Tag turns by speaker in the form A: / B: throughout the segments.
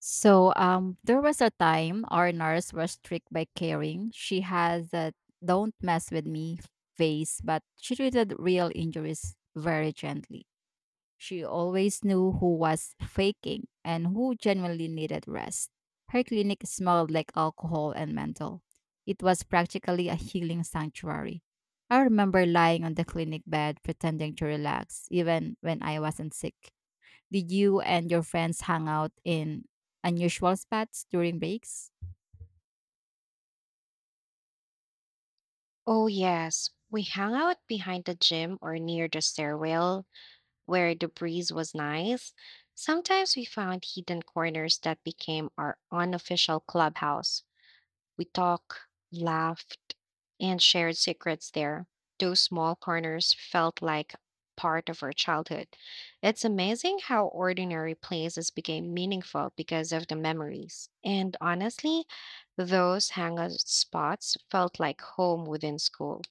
A: There was a time our nurse was strict by caring. She has a "don't mess with me" face, but she treated real injuries very gently. She always knew who was faking and who genuinely needed rest. Her clinic smelled like alcohol and mental. It was practically a healing sanctuary. I remember lying on the clinic bed pretending to relax, even when I wasn't sick. Did you and your friends hang out in unusual spots during breaks?
B: Oh, yes. We hung out behind the gym or near the stairwell where the breeze was nice. Sometimes we found hidden corners that became our unofficial clubhouse. We talked, laughed, and shared secrets there. Those small corners felt like part of our childhood. It's amazing how ordinary places became meaningful because of the memories. And honestly, those hangout spots felt like home within school.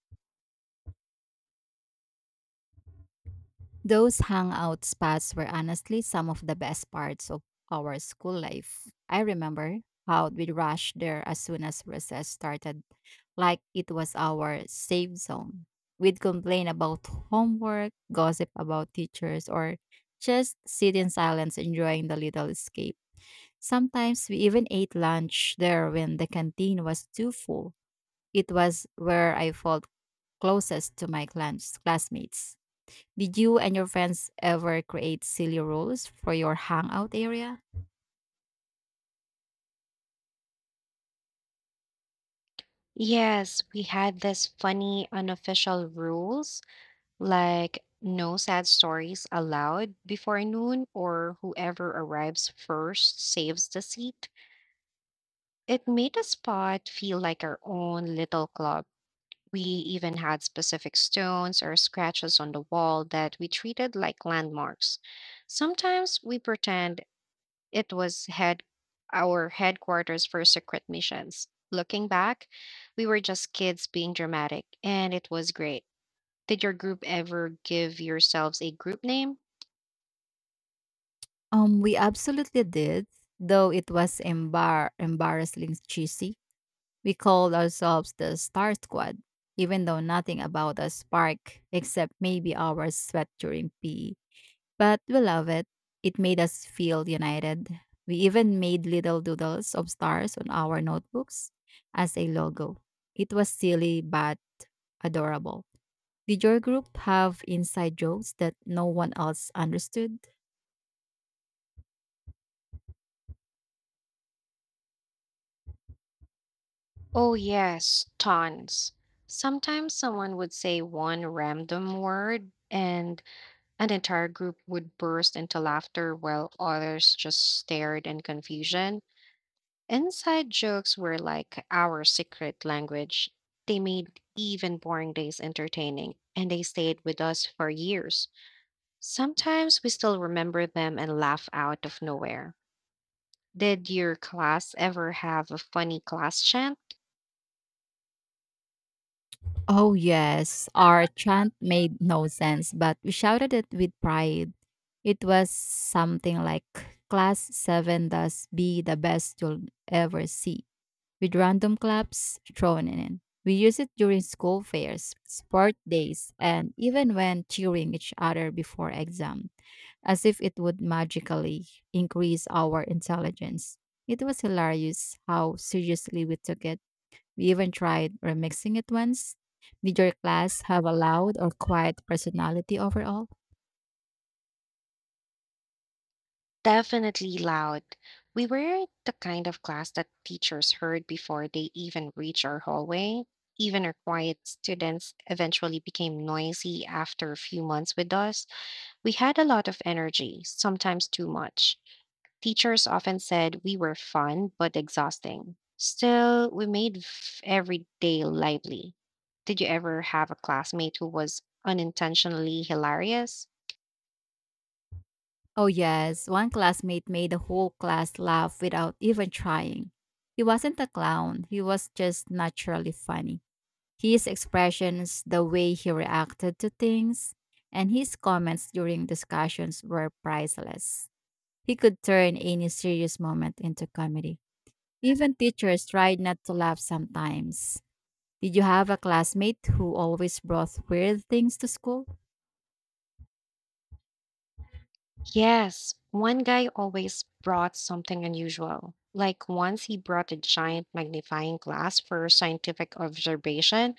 A: Those hangout spots were honestly some of the best parts of our school life. I remember how we'd rush there as soon as recess started, like it was our safe zone. We'd complain about homework, gossip about teachers, or just sit in silence enjoying the little escape. Sometimes we even ate lunch there when the canteen was too full. It was where I felt closest to my clans, classmates. Did you and your friends ever create silly rules for your hangout area?
B: Yes, we had this funny unofficial rules like no sad stories allowed before noon or whoever arrives first saves the seat. It made the spot feel like our own little club. We even had specific stones or scratches on the wall that we treated like landmarks. Sometimes we pretend it was head our headquarters for secret missions. Looking back, we were just kids being dramatic, and it was great. Did your group ever give yourselves a group name?
A: We absolutely did, though it was embarrassingly cheesy. We called ourselves the Star Squad, even though nothing about us sparked except maybe our sweat during PE. But we love it. It made us feel united. We even made little doodles of stars on our notebooks as a logo. It was silly but adorable. Did your group have inside jokes that no one else understood?
B: Oh, yes, tons. Sometimes someone would say one random word, and an entire group would burst into laughter while others just stared in confusion. Inside jokes were like our secret language. They made even boring days entertaining, and they stayed with us for years. Sometimes we still remember them and laugh out of nowhere. Did your class ever have a funny class chant?
A: Oh, yes. Our chant made no sense, but we shouted it with pride. It was something like "Class 7 does be the best you'll ever see," with random claps thrown in. We use it during school fairs, sport days, and even when cheering each other before exam, as if it would magically increase our intelligence. It was hilarious how seriously we took it. We even tried remixing it once. Did your class have a loud or quiet personality overall?
B: Definitely loud. We were the kind of class that teachers heard before they even reached our hallway. Even our quiet students eventually became noisy after a few months with us. We had a lot of energy, sometimes too much. Teachers often said we were fun but exhausting. Still, we made every day lively. Did you ever have a classmate who was unintentionally hilarious?
A: Oh, yes. One classmate made the whole class laugh without even trying. He wasn't a clown, he was just naturally funny. His expressions, the way he reacted to things, and his comments during discussions were priceless. He could turn any serious moment into comedy. Even teachers tried not to laugh sometimes. Did you have a classmate who always brought weird things to school?
B: Yes, one guy always brought something unusual. Like once he brought a giant magnifying glass for scientific observation,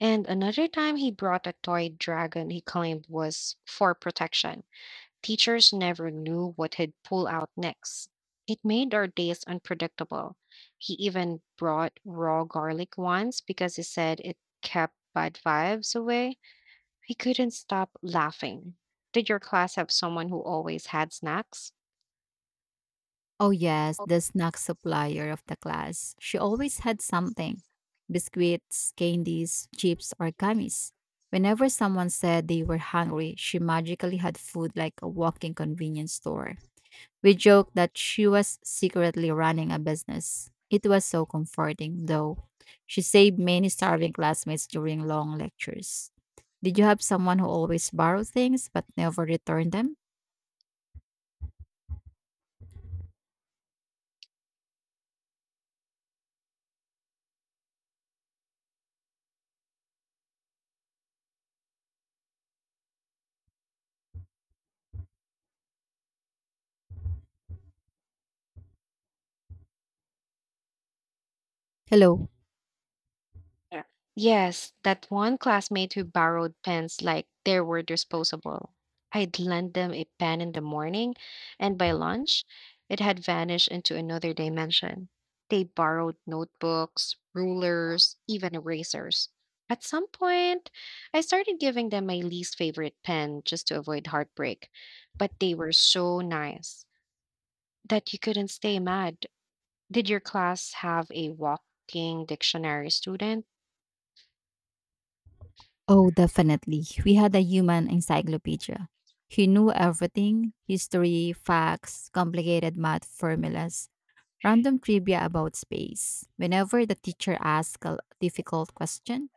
B: and another time he brought a toy dragon he claimed was for protection. Teachers never knew what he'd pull out next. It made our days unpredictable. He even brought raw garlic once because he said it kept bad vibes away. We couldn't stop laughing. Did your class have someone who always had snacks?
A: Oh, yes, the snack supplier of the class. She always had something: biscuits, candies, chips, or gummies. Whenever someone said they were hungry, she magically had food like a walking convenience store. We joked that she was secretly running a business. It was so comforting, though. She saved many starving classmates during long lectures. Did you have someone who always borrowed things but never returned them? Hello.
B: Yeah. Yes, that one classmate who borrowed pens like they were disposable. I'd lend them a pen in the morning, and by lunch, it had vanished into another dimension. They borrowed notebooks, rulers, even erasers. At some point, I started giving them my least favorite pen just to avoid heartbreak, but they were so nice that you couldn't stay mad. Did your class have a walking dictionary student?
A: Oh, definitely. We had a human encyclopedia. He knew everything: history, facts, complicated math formulas, random trivia about space. Whenever the teacher asked a difficult question,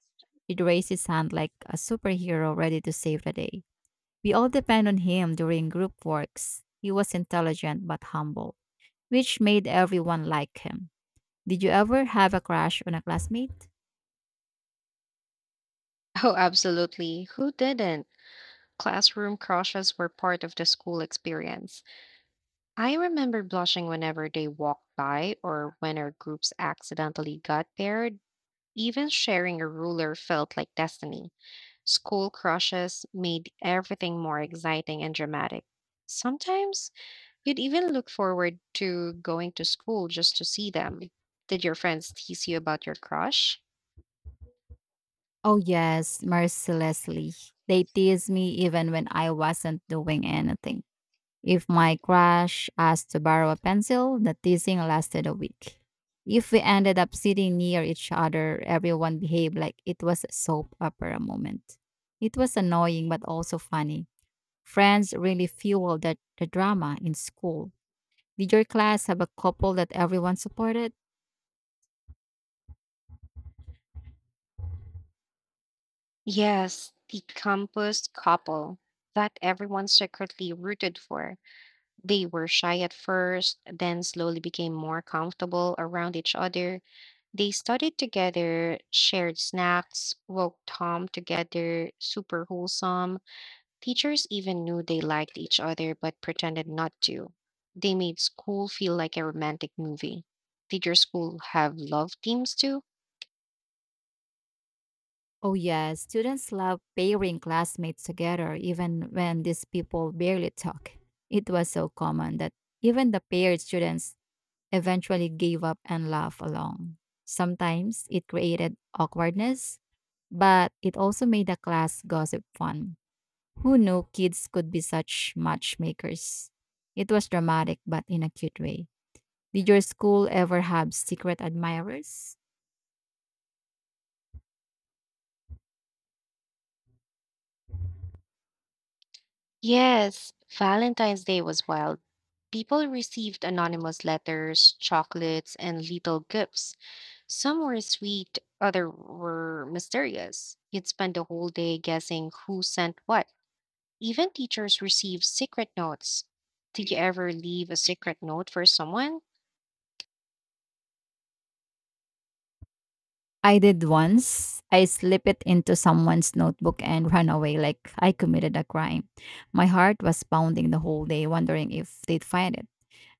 A: he'd raise his hand like a superhero ready to save the day. We all depend on him during group works. He was intelligent but humble, which made everyone like him. Did you ever have a crush on a classmate?
B: Oh, absolutely. Who didn't? Classroom crushes were part of the school experience. I remember blushing whenever they walked by or when our groups accidentally got paired. Even sharing a ruler felt like destiny. School crushes made everything more exciting and dramatic. Sometimes you'd even look forward to going to school just to see them. Did your friends tease you about your crush?
A: Oh, yes, mercilessly. They teased me even when I wasn't doing anything. If my crush asked to borrow a pencil, the teasing lasted a week. If we ended up sitting near each other, everyone behaved like it was a soap opera moment. It was annoying but also funny. Friends really fueled the drama in school. Did your class have a couple that everyone supported?
B: Yes, the campus couple that everyone secretly rooted for. They were shy at first, then slowly became more comfortable around each other. They studied together, shared snacks, walked home together, super wholesome. Teachers even knew they liked each other but pretended not to. They made school feel like a romantic movie. Did your school have love teams too?
A: Oh, yes. Students love pairing classmates together, even when these people barely talk. It was so common that even the paired students eventually gave up and laughed along. Sometimes it created awkwardness, but it also made the class gossip fun. Who knew kids could be such matchmakers? It was dramatic, but in a cute way. Did your school ever have secret admirers?
B: Yes, Valentine's Day was wild. People received anonymous letters, chocolates, and little gifts. Some were sweet, other were mysterious. You'd spend the whole day guessing who sent what. Even teachers received secret notes. Did you ever leave a secret note for someone?
A: I did once. I slipped it into someone's notebook and ran away like I committed a crime. My heart was pounding the whole day, wondering if they'd find it.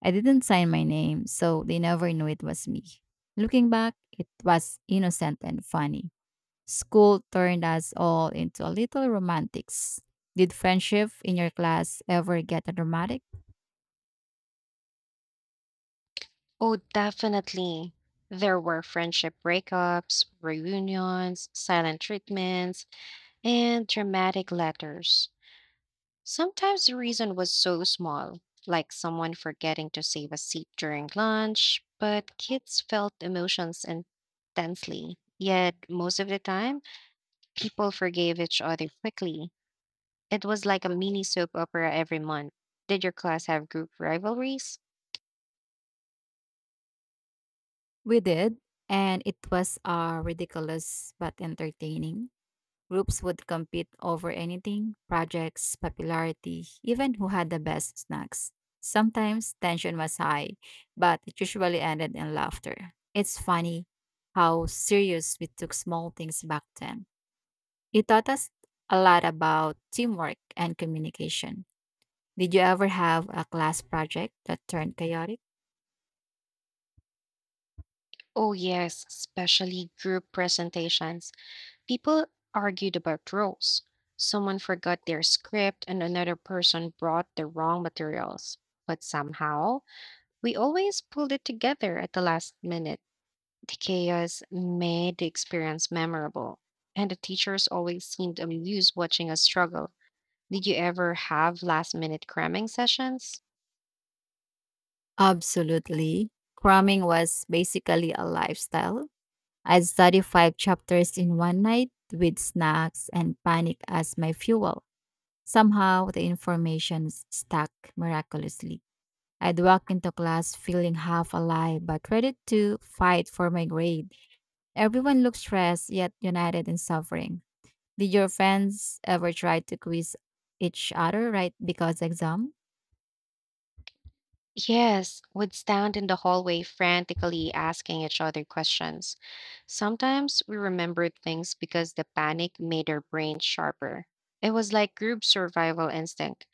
A: I didn't sign my name, so they never knew it was me. Looking back, it was innocent and funny. School turned us all into a little romantics. Did friendship in your class ever get dramatic?
B: Oh, definitely. There were friendship breakups, reunions, silent treatments, and dramatic letters. Sometimes the reason was so small, like someone forgetting to save a seat during lunch, but kids felt emotions intensely. Yet, most of the time, people forgave each other quickly. It was like a mini soap opera every month. Did your class have group rivalries?
A: We did, and it was ridiculous but entertaining. Groups would compete over anything: projects, popularity, even who had the best snacks. Sometimes tension was high, but it usually ended in laughter. It's funny how serious we took small things back then. It taught us a lot about teamwork and communication. Did you ever have a class project that turned chaotic?
B: Oh, yes, especially group presentations. People argued about roles. Someone forgot their script, and another person brought the wrong materials. But somehow, we always pulled it together at the last minute. The chaos made the experience memorable, and the teachers always seemed amused watching us struggle. Did you ever have last minute cramming sessions?
A: Absolutely. Cramming was basically a lifestyle. I'd study five chapters in one night with snacks and panic as my fuel. Somehow, the information stuck miraculously. I'd walk into class feeling half alive but ready to fight for my grade. Everyone looked stressed yet united in suffering. Did your friends ever try to quiz each other right because exam?
B: Yes, would stand in the hallway frantically asking each other questions. Sometimes we remembered things because the panic made our brains sharper. It was like group survival instinct.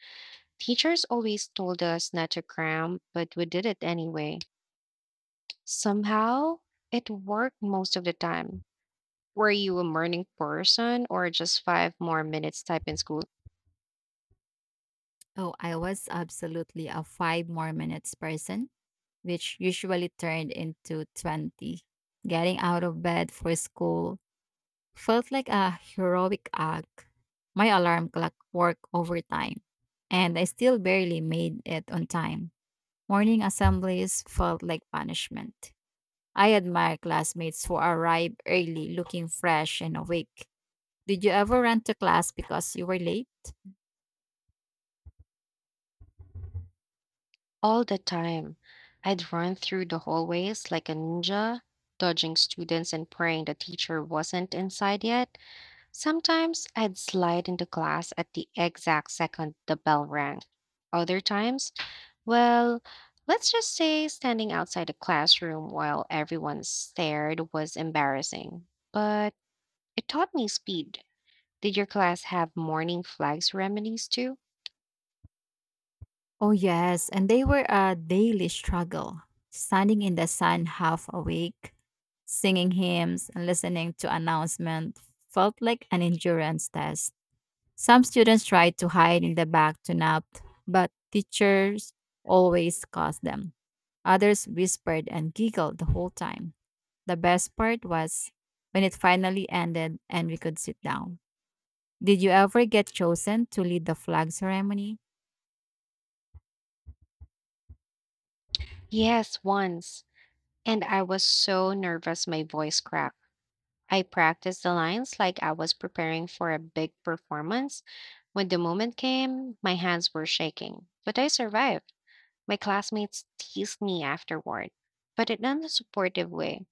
B: Teachers always told us not to cram, but we did it anyway. Somehow, it worked most of the time. Were you a morning person or just five more minutes type in school?
A: Oh, I was absolutely a five more minutes person, which usually turned into 20. Getting out of bed for school felt like a heroic act. My alarm clock worked overtime, and I still barely made it on time. Morning assemblies felt like punishment. I admire classmates who arrive early looking fresh and awake. Did you ever run to class because you were late?
B: All the time. I'd run through the hallways like a ninja, dodging students and praying the teacher wasn't inside yet. Sometimes I'd slide into class at the exact second the bell rang. Other times, well, let's just say standing outside the classroom while everyone stared was embarrassing. But it taught me speed. Did your class have morning flags remedies too?
A: Oh, yes. And they were a daily struggle. Standing in the sun half awake, singing hymns, and listening to announcements felt like an endurance test. Some students tried to hide in the back to nap, but teachers always caught them. Others whispered and giggled the whole time. The best part was when it finally ended and we could sit down. Did you ever get chosen to lead the flag ceremony?
B: Yes, once. And I was so nervous my voice cracked. I practiced the lines like I was preparing for a big performance. When the moment came, my hands were shaking, but I survived. My classmates teased me afterward, but in a supportive way.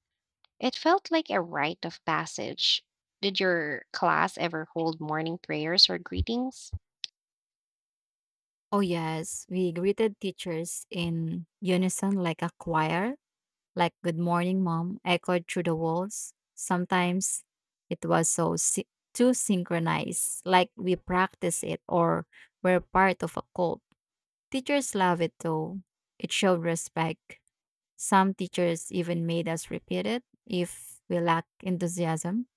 B: It felt like a rite of passage. Did your class ever hold morning prayers or greetings?
A: Oh, yes. We greeted teachers in unison like a choir, like "Good Morning Mom" echoed through the walls. Sometimes it was so too synchronized, like we practice it or we're part of a cult. Teachers love it though. It showed respect. Some teachers even made us repeat it if we lacked enthusiasm.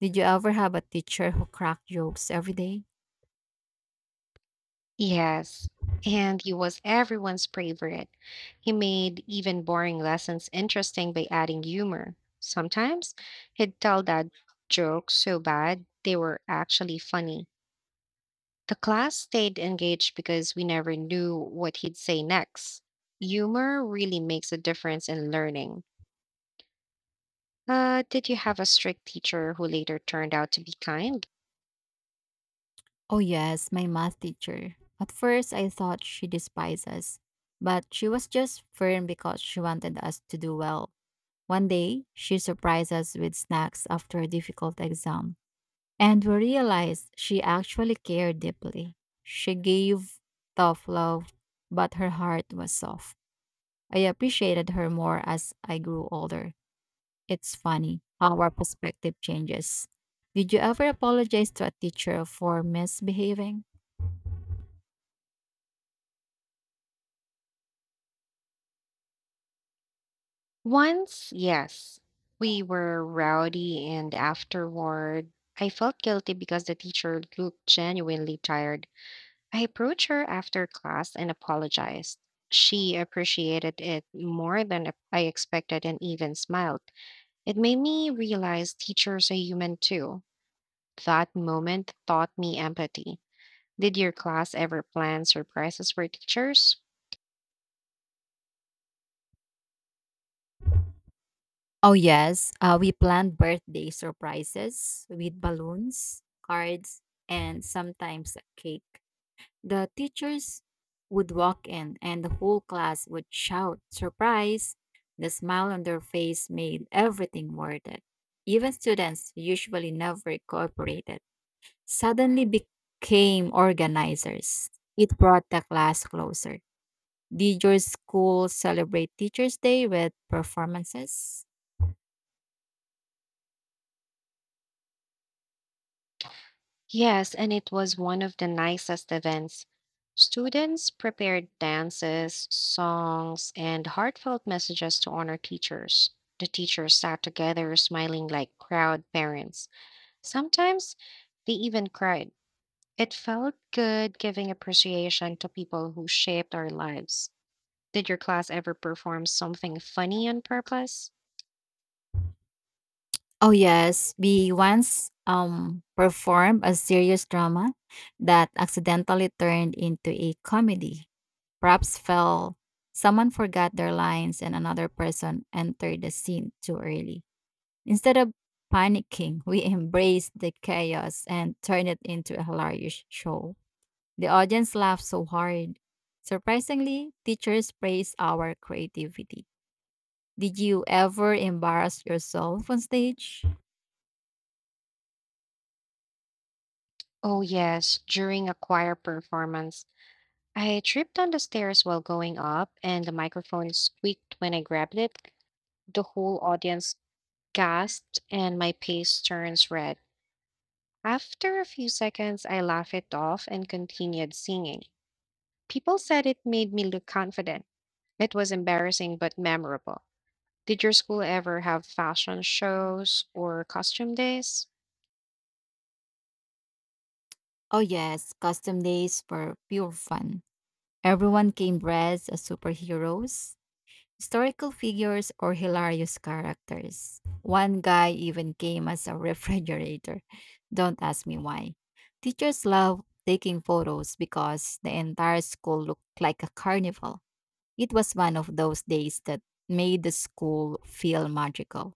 A: Did you ever have a teacher who cracked jokes every day?
B: Yes, and he was everyone's favorite. He made even boring lessons interesting by adding humor. Sometimes he'd tell dad jokes so bad they were actually funny. The class stayed engaged because we never knew what he'd say next. Humor really makes a difference in learning. Did you have a strict teacher who later turned out to be kind?
A: Oh, yes, my math teacher. At first, I thought she despised us, but she was just firm because she wanted us to do well. One day, she surprised us with snacks after a difficult exam, and we realized she actually cared deeply. She gave tough love, but her heart was soft. I appreciated her more as I grew older. It's funny how our perspective changes. Did you ever apologize to a teacher for misbehaving?
B: Once, yes, we were rowdy, and afterward, I felt guilty because the teacher looked genuinely tired. I approached her after class and apologized. She appreciated it more than I expected and even smiled. It made me realize teachers are human too. That moment taught me empathy. Did your class ever plan surprises for teachers?
A: Oh yes, we planned birthday surprises with balloons, cards, and sometimes a cake. The teachers would walk in, and the whole class would shout "surprise." The smile on their face made everything worth it. Even students who usually never cooperated suddenly became organizers. It brought the class closer. Did your school celebrate Teachers' Day with performances?
B: Yes, and it was one of the nicest events. Students prepared dances, songs, and heartfelt messages to honor teachers. The teachers sat together, smiling like proud parents. Sometimes they even cried. It felt good giving appreciation to people who shaped our lives. Did your class ever perform something funny on purpose?
A: Oh yes, we once performed a serious drama that accidentally turned into a comedy. Props fell, someone forgot their lines and another person entered the scene too early. Instead of panicking, we embraced the chaos and turned it into a hilarious show. The audience laughed so hard. Surprisingly, teachers praised our creativity. Did you ever embarrass yourself on stage?
B: Oh, yes, during a choir performance. I tripped on the stairs while going up, and the microphone squeaked when I grabbed it. The whole audience gasped, and my face turns red. After a few seconds, I laughed it off and continued singing. People said it made me look confident. It was embarrassing but memorable. Did your school ever have fashion shows or costume days?
A: Oh yes, custom days were pure fun. Everyone came dressed as superheroes, historical figures, or hilarious characters. One guy even came as a refrigerator. Don't ask me why. Teachers love taking photos because the entire school looked like a carnival. It was one of those days that made the school feel magical.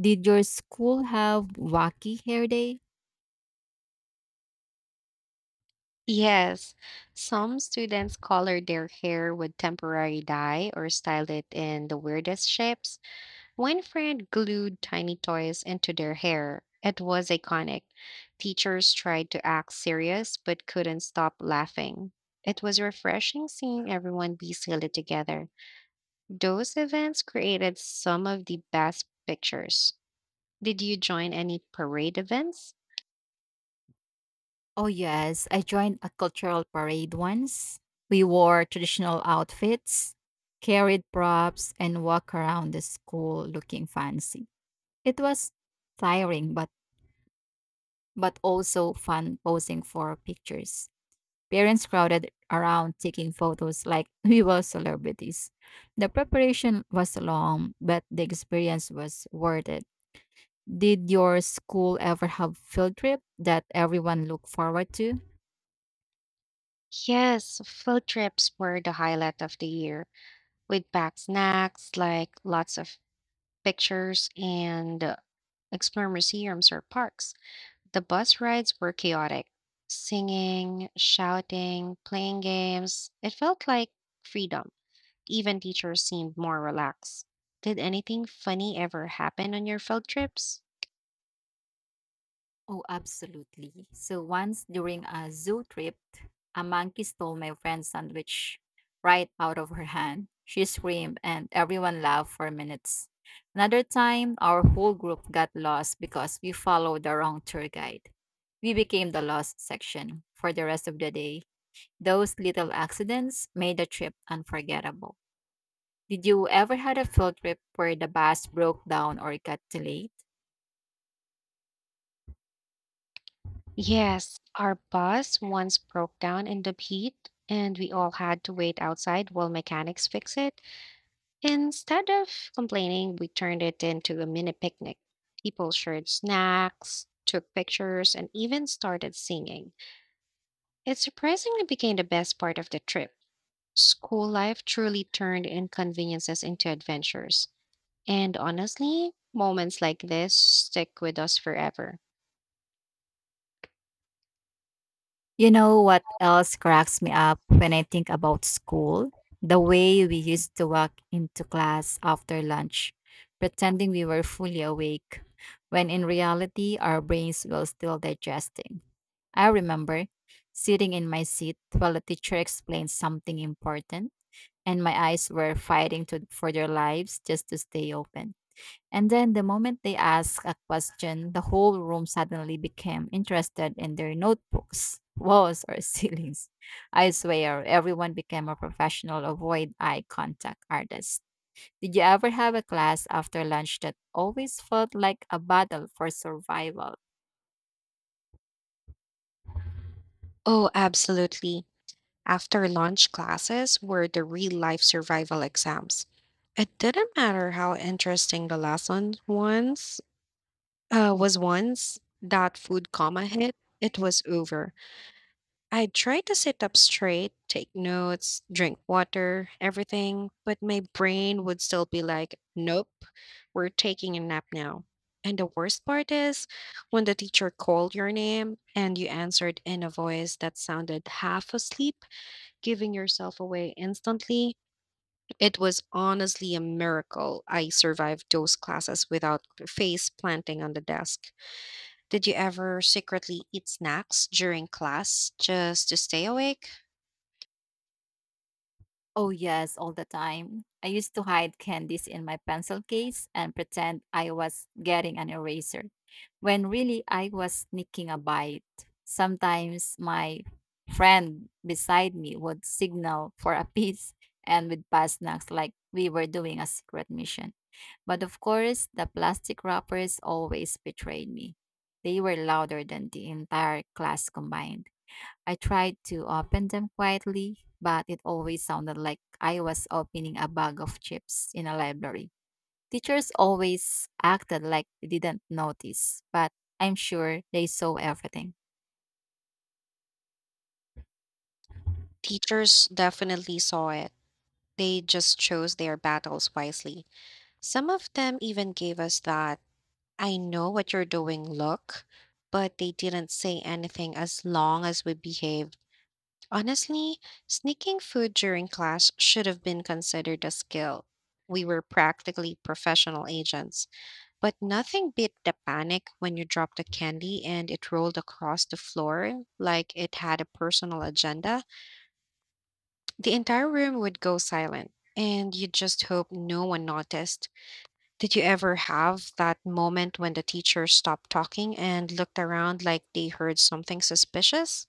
A: Did your school have wacky hair day?
B: Yes, some students colored their hair with temporary dye or styled it in the weirdest shapes. One friend glued tiny toys into their hair. It was iconic. Teachers tried to act serious but couldn't stop laughing. It was refreshing seeing everyone be silly together. Those events created some of the best pictures. Did you join any parade events?
A: Oh, yes. I joined a cultural parade once. We wore traditional outfits, carried props, and walked around the school looking fancy. It was tiring, but also fun posing for pictures. Parents crowded around taking photos like we were celebrities. The preparation was long, but the experience was worth it. Did your school ever have field trip that everyone looked forward to?
B: Yes, field trips were the highlight of the year. We'd pack snacks, like lots of pictures, and explore museums or parks. The bus rides were chaotic singing, shouting, playing games. It felt like freedom. Even teachers seemed more relaxed. Did anything funny ever happen on your field trips?
A: Oh, absolutely. So once during a zoo trip, a monkey stole my friend's sandwich right out of her hand. She screamed and everyone laughed for minutes. Another time, our whole group got lost because we followed the wrong tour guide. We became the lost section for the rest of the day. Those little accidents made the trip unforgettable. Did you ever had a field trip where the bus broke down or got delayed?
B: Yes, our bus once broke down in the heat, and we all had to wait outside while mechanics fix it. Instead of complaining, we turned it into a mini picnic. People shared snacks, took pictures, and even started singing. It surprisingly became the best part of the trip. School life truly turned inconveniences into adventures. And honestly, moments like this stick with us forever.
A: You know what else cracks me up when I think about school? The way we used to walk into class after lunch, pretending we were fully awake, when in reality our brains were still digesting. I remember sitting in my seat while the teacher explained something important, and my eyes were fighting for their lives just to stay open. And then the moment they asked a question, the whole room suddenly became interested in their notebooks, walls, or ceilings. I swear, everyone became a professional avoid eye contact artist. Did you ever have a class after lunch that always felt like a battle for survival?
B: Oh, absolutely. After lunch classes were the real life survival exams. It didn't matter how interesting the lesson once was once that food coma hit, it was over. I tried to sit up straight, take notes, drink water, everything, but my brain would still be like, nope, we're taking a nap now. And the worst part is when the teacher called your name and you answered in a voice that sounded half asleep, giving yourself away instantly. It was honestly a miracle I survived those classes without face planting on the desk. Did you ever secretly eat snacks during class just to stay awake?
A: Oh, yes, all the time. I used to hide candies in my pencil case and pretend I was getting an eraser, when really I was sneaking a bite. Sometimes my friend beside me would signal for a piece, and we'd pass snacks like we were doing a secret mission. But of course, the plastic wrappers always betrayed me. They were louder than the entire class combined. I tried to open them quietly, but it always sounded like I was opening a bag of chips in a library. Teachers always acted like they didn't notice, but I'm sure they saw everything.
B: Teachers definitely saw it. They just chose their battles wisely. Some of them even gave us that I know what you're doing look, but they didn't say anything as long as we behaved. Honestly, sneaking food during class should have been considered a skill. We were practically professional agents, but nothing beat the panic when you dropped a candy and it rolled across the floor like it had a personal agenda. The entire room would go silent, and you'd just hope no one noticed. Did you ever have that moment when the teacher stopped talking and looked around like they heard something suspicious?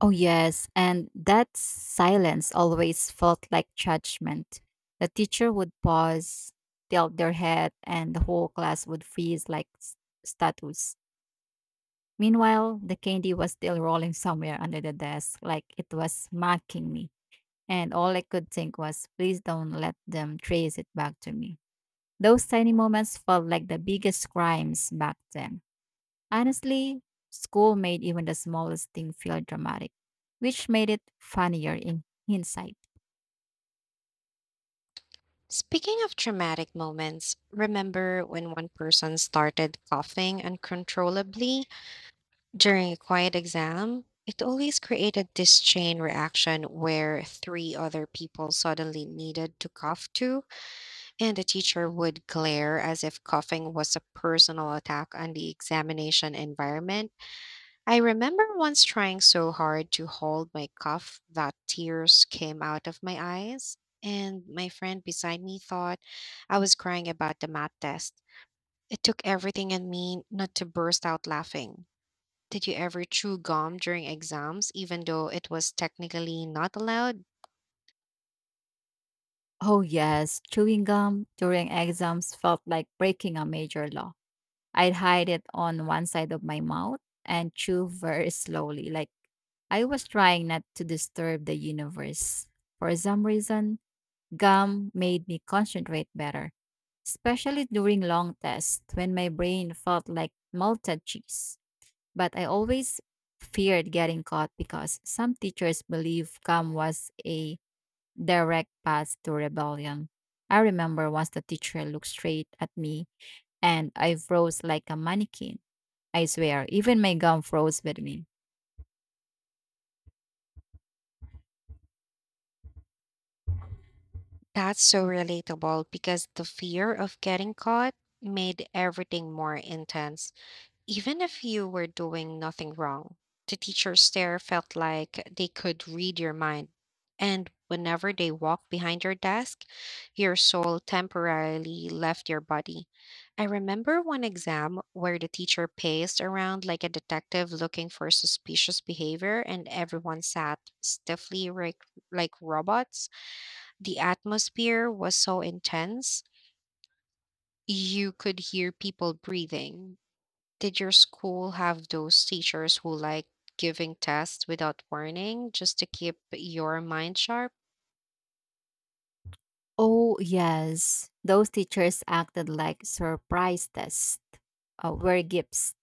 A: Oh, yes, and that silence always felt like judgment. The teacher would pause, tilt their head, and the whole class would freeze like statues. Meanwhile, the candy was still rolling somewhere under the desk, like it was mocking me, and all I could think was, please don't let them trace it back to me. Those tiny moments felt like the biggest crimes back then. Honestly, school made even the smallest thing feel dramatic, which made it funnier in hindsight.
B: Speaking of traumatic moments, remember when one person started coughing uncontrollably during a quiet exam? It always created this chain reaction where three other people suddenly needed to cough too. And the teacher would glare as if coughing was a personal attack on the examination environment. I remember once trying so hard to hold my cough that tears came out of my eyes, and my friend beside me thought I was crying about the math test. It took everything in me not to burst out laughing. Did you ever chew gum during exams, even though it was technically not allowed?
A: Oh, yes, chewing gum during exams felt like breaking a major law. I'd hide it on one side of my mouth and chew very slowly, like I was trying not to disturb the universe. For some reason, gum made me concentrate better, especially during long tests when my brain felt like melted cheese. But I always feared getting caught because some teachers believed gum was a direct path to rebellion. I remember once the teacher looked straight at me and I froze like a mannequin. I swear, even my gum froze with me.
B: That's so relatable because the fear of getting caught made everything more intense, even if you were doing nothing wrong. The teachers there felt like they could read your mind. And whenever they walked behind your desk, your soul temporarily left your body. I remember one exam where the teacher paced around like a detective looking for suspicious behavior, and everyone sat stiffly like, robots. The atmosphere was so intense, you could hear people breathing. Did your school have those teachers who like giving tests without warning just to keep your mind sharp?
A: Oh, yes. Those teachers acted like surprise tests were gifts.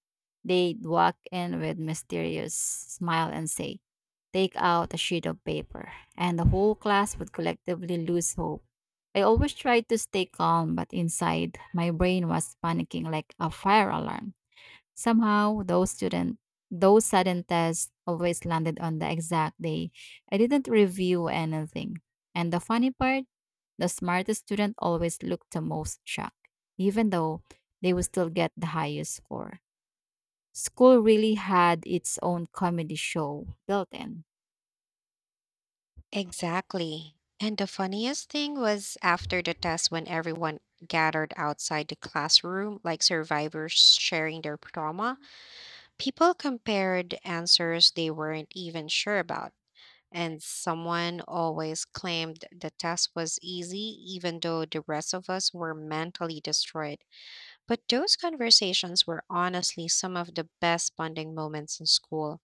A: They'd walk in with mysterious smile and say, "Take out a sheet of paper," and the whole class would collectively lose hope. I always tried to stay calm, but inside, my brain was panicking like a fire alarm. Somehow, those sudden tests always landed on the exact day I didn't review anything. And the funny part, the smartest student always looked the most shocked, even though they would still get the highest score. School really had its own comedy show built in.
B: Exactly. And the funniest thing was after the test when everyone gathered outside the classroom, like survivors sharing their trauma, people compared answers they weren't even sure about. And someone always claimed the test was easy, even though the rest of us were mentally destroyed. But those conversations were honestly some of the best bonding moments in school.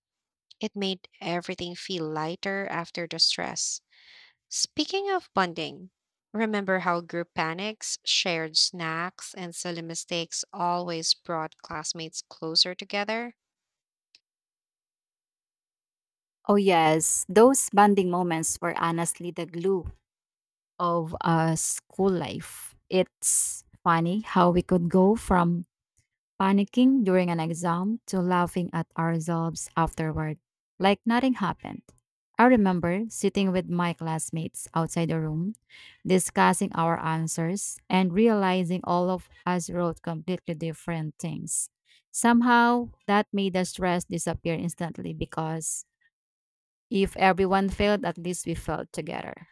B: It made everything feel lighter after the stress. Speaking of bonding, remember how group panics, shared snacks, and silly mistakes always brought classmates closer together?
A: Oh, yes, those bonding moments were honestly the glue of school life. It's funny how we could go from panicking during an exam to laughing at ourselves afterward, like nothing happened. I remember sitting with my classmates outside the room, discussing our answers, and realizing all of us wrote completely different things. Somehow, that made the stress disappear instantly because if everyone failed, at least we felt together.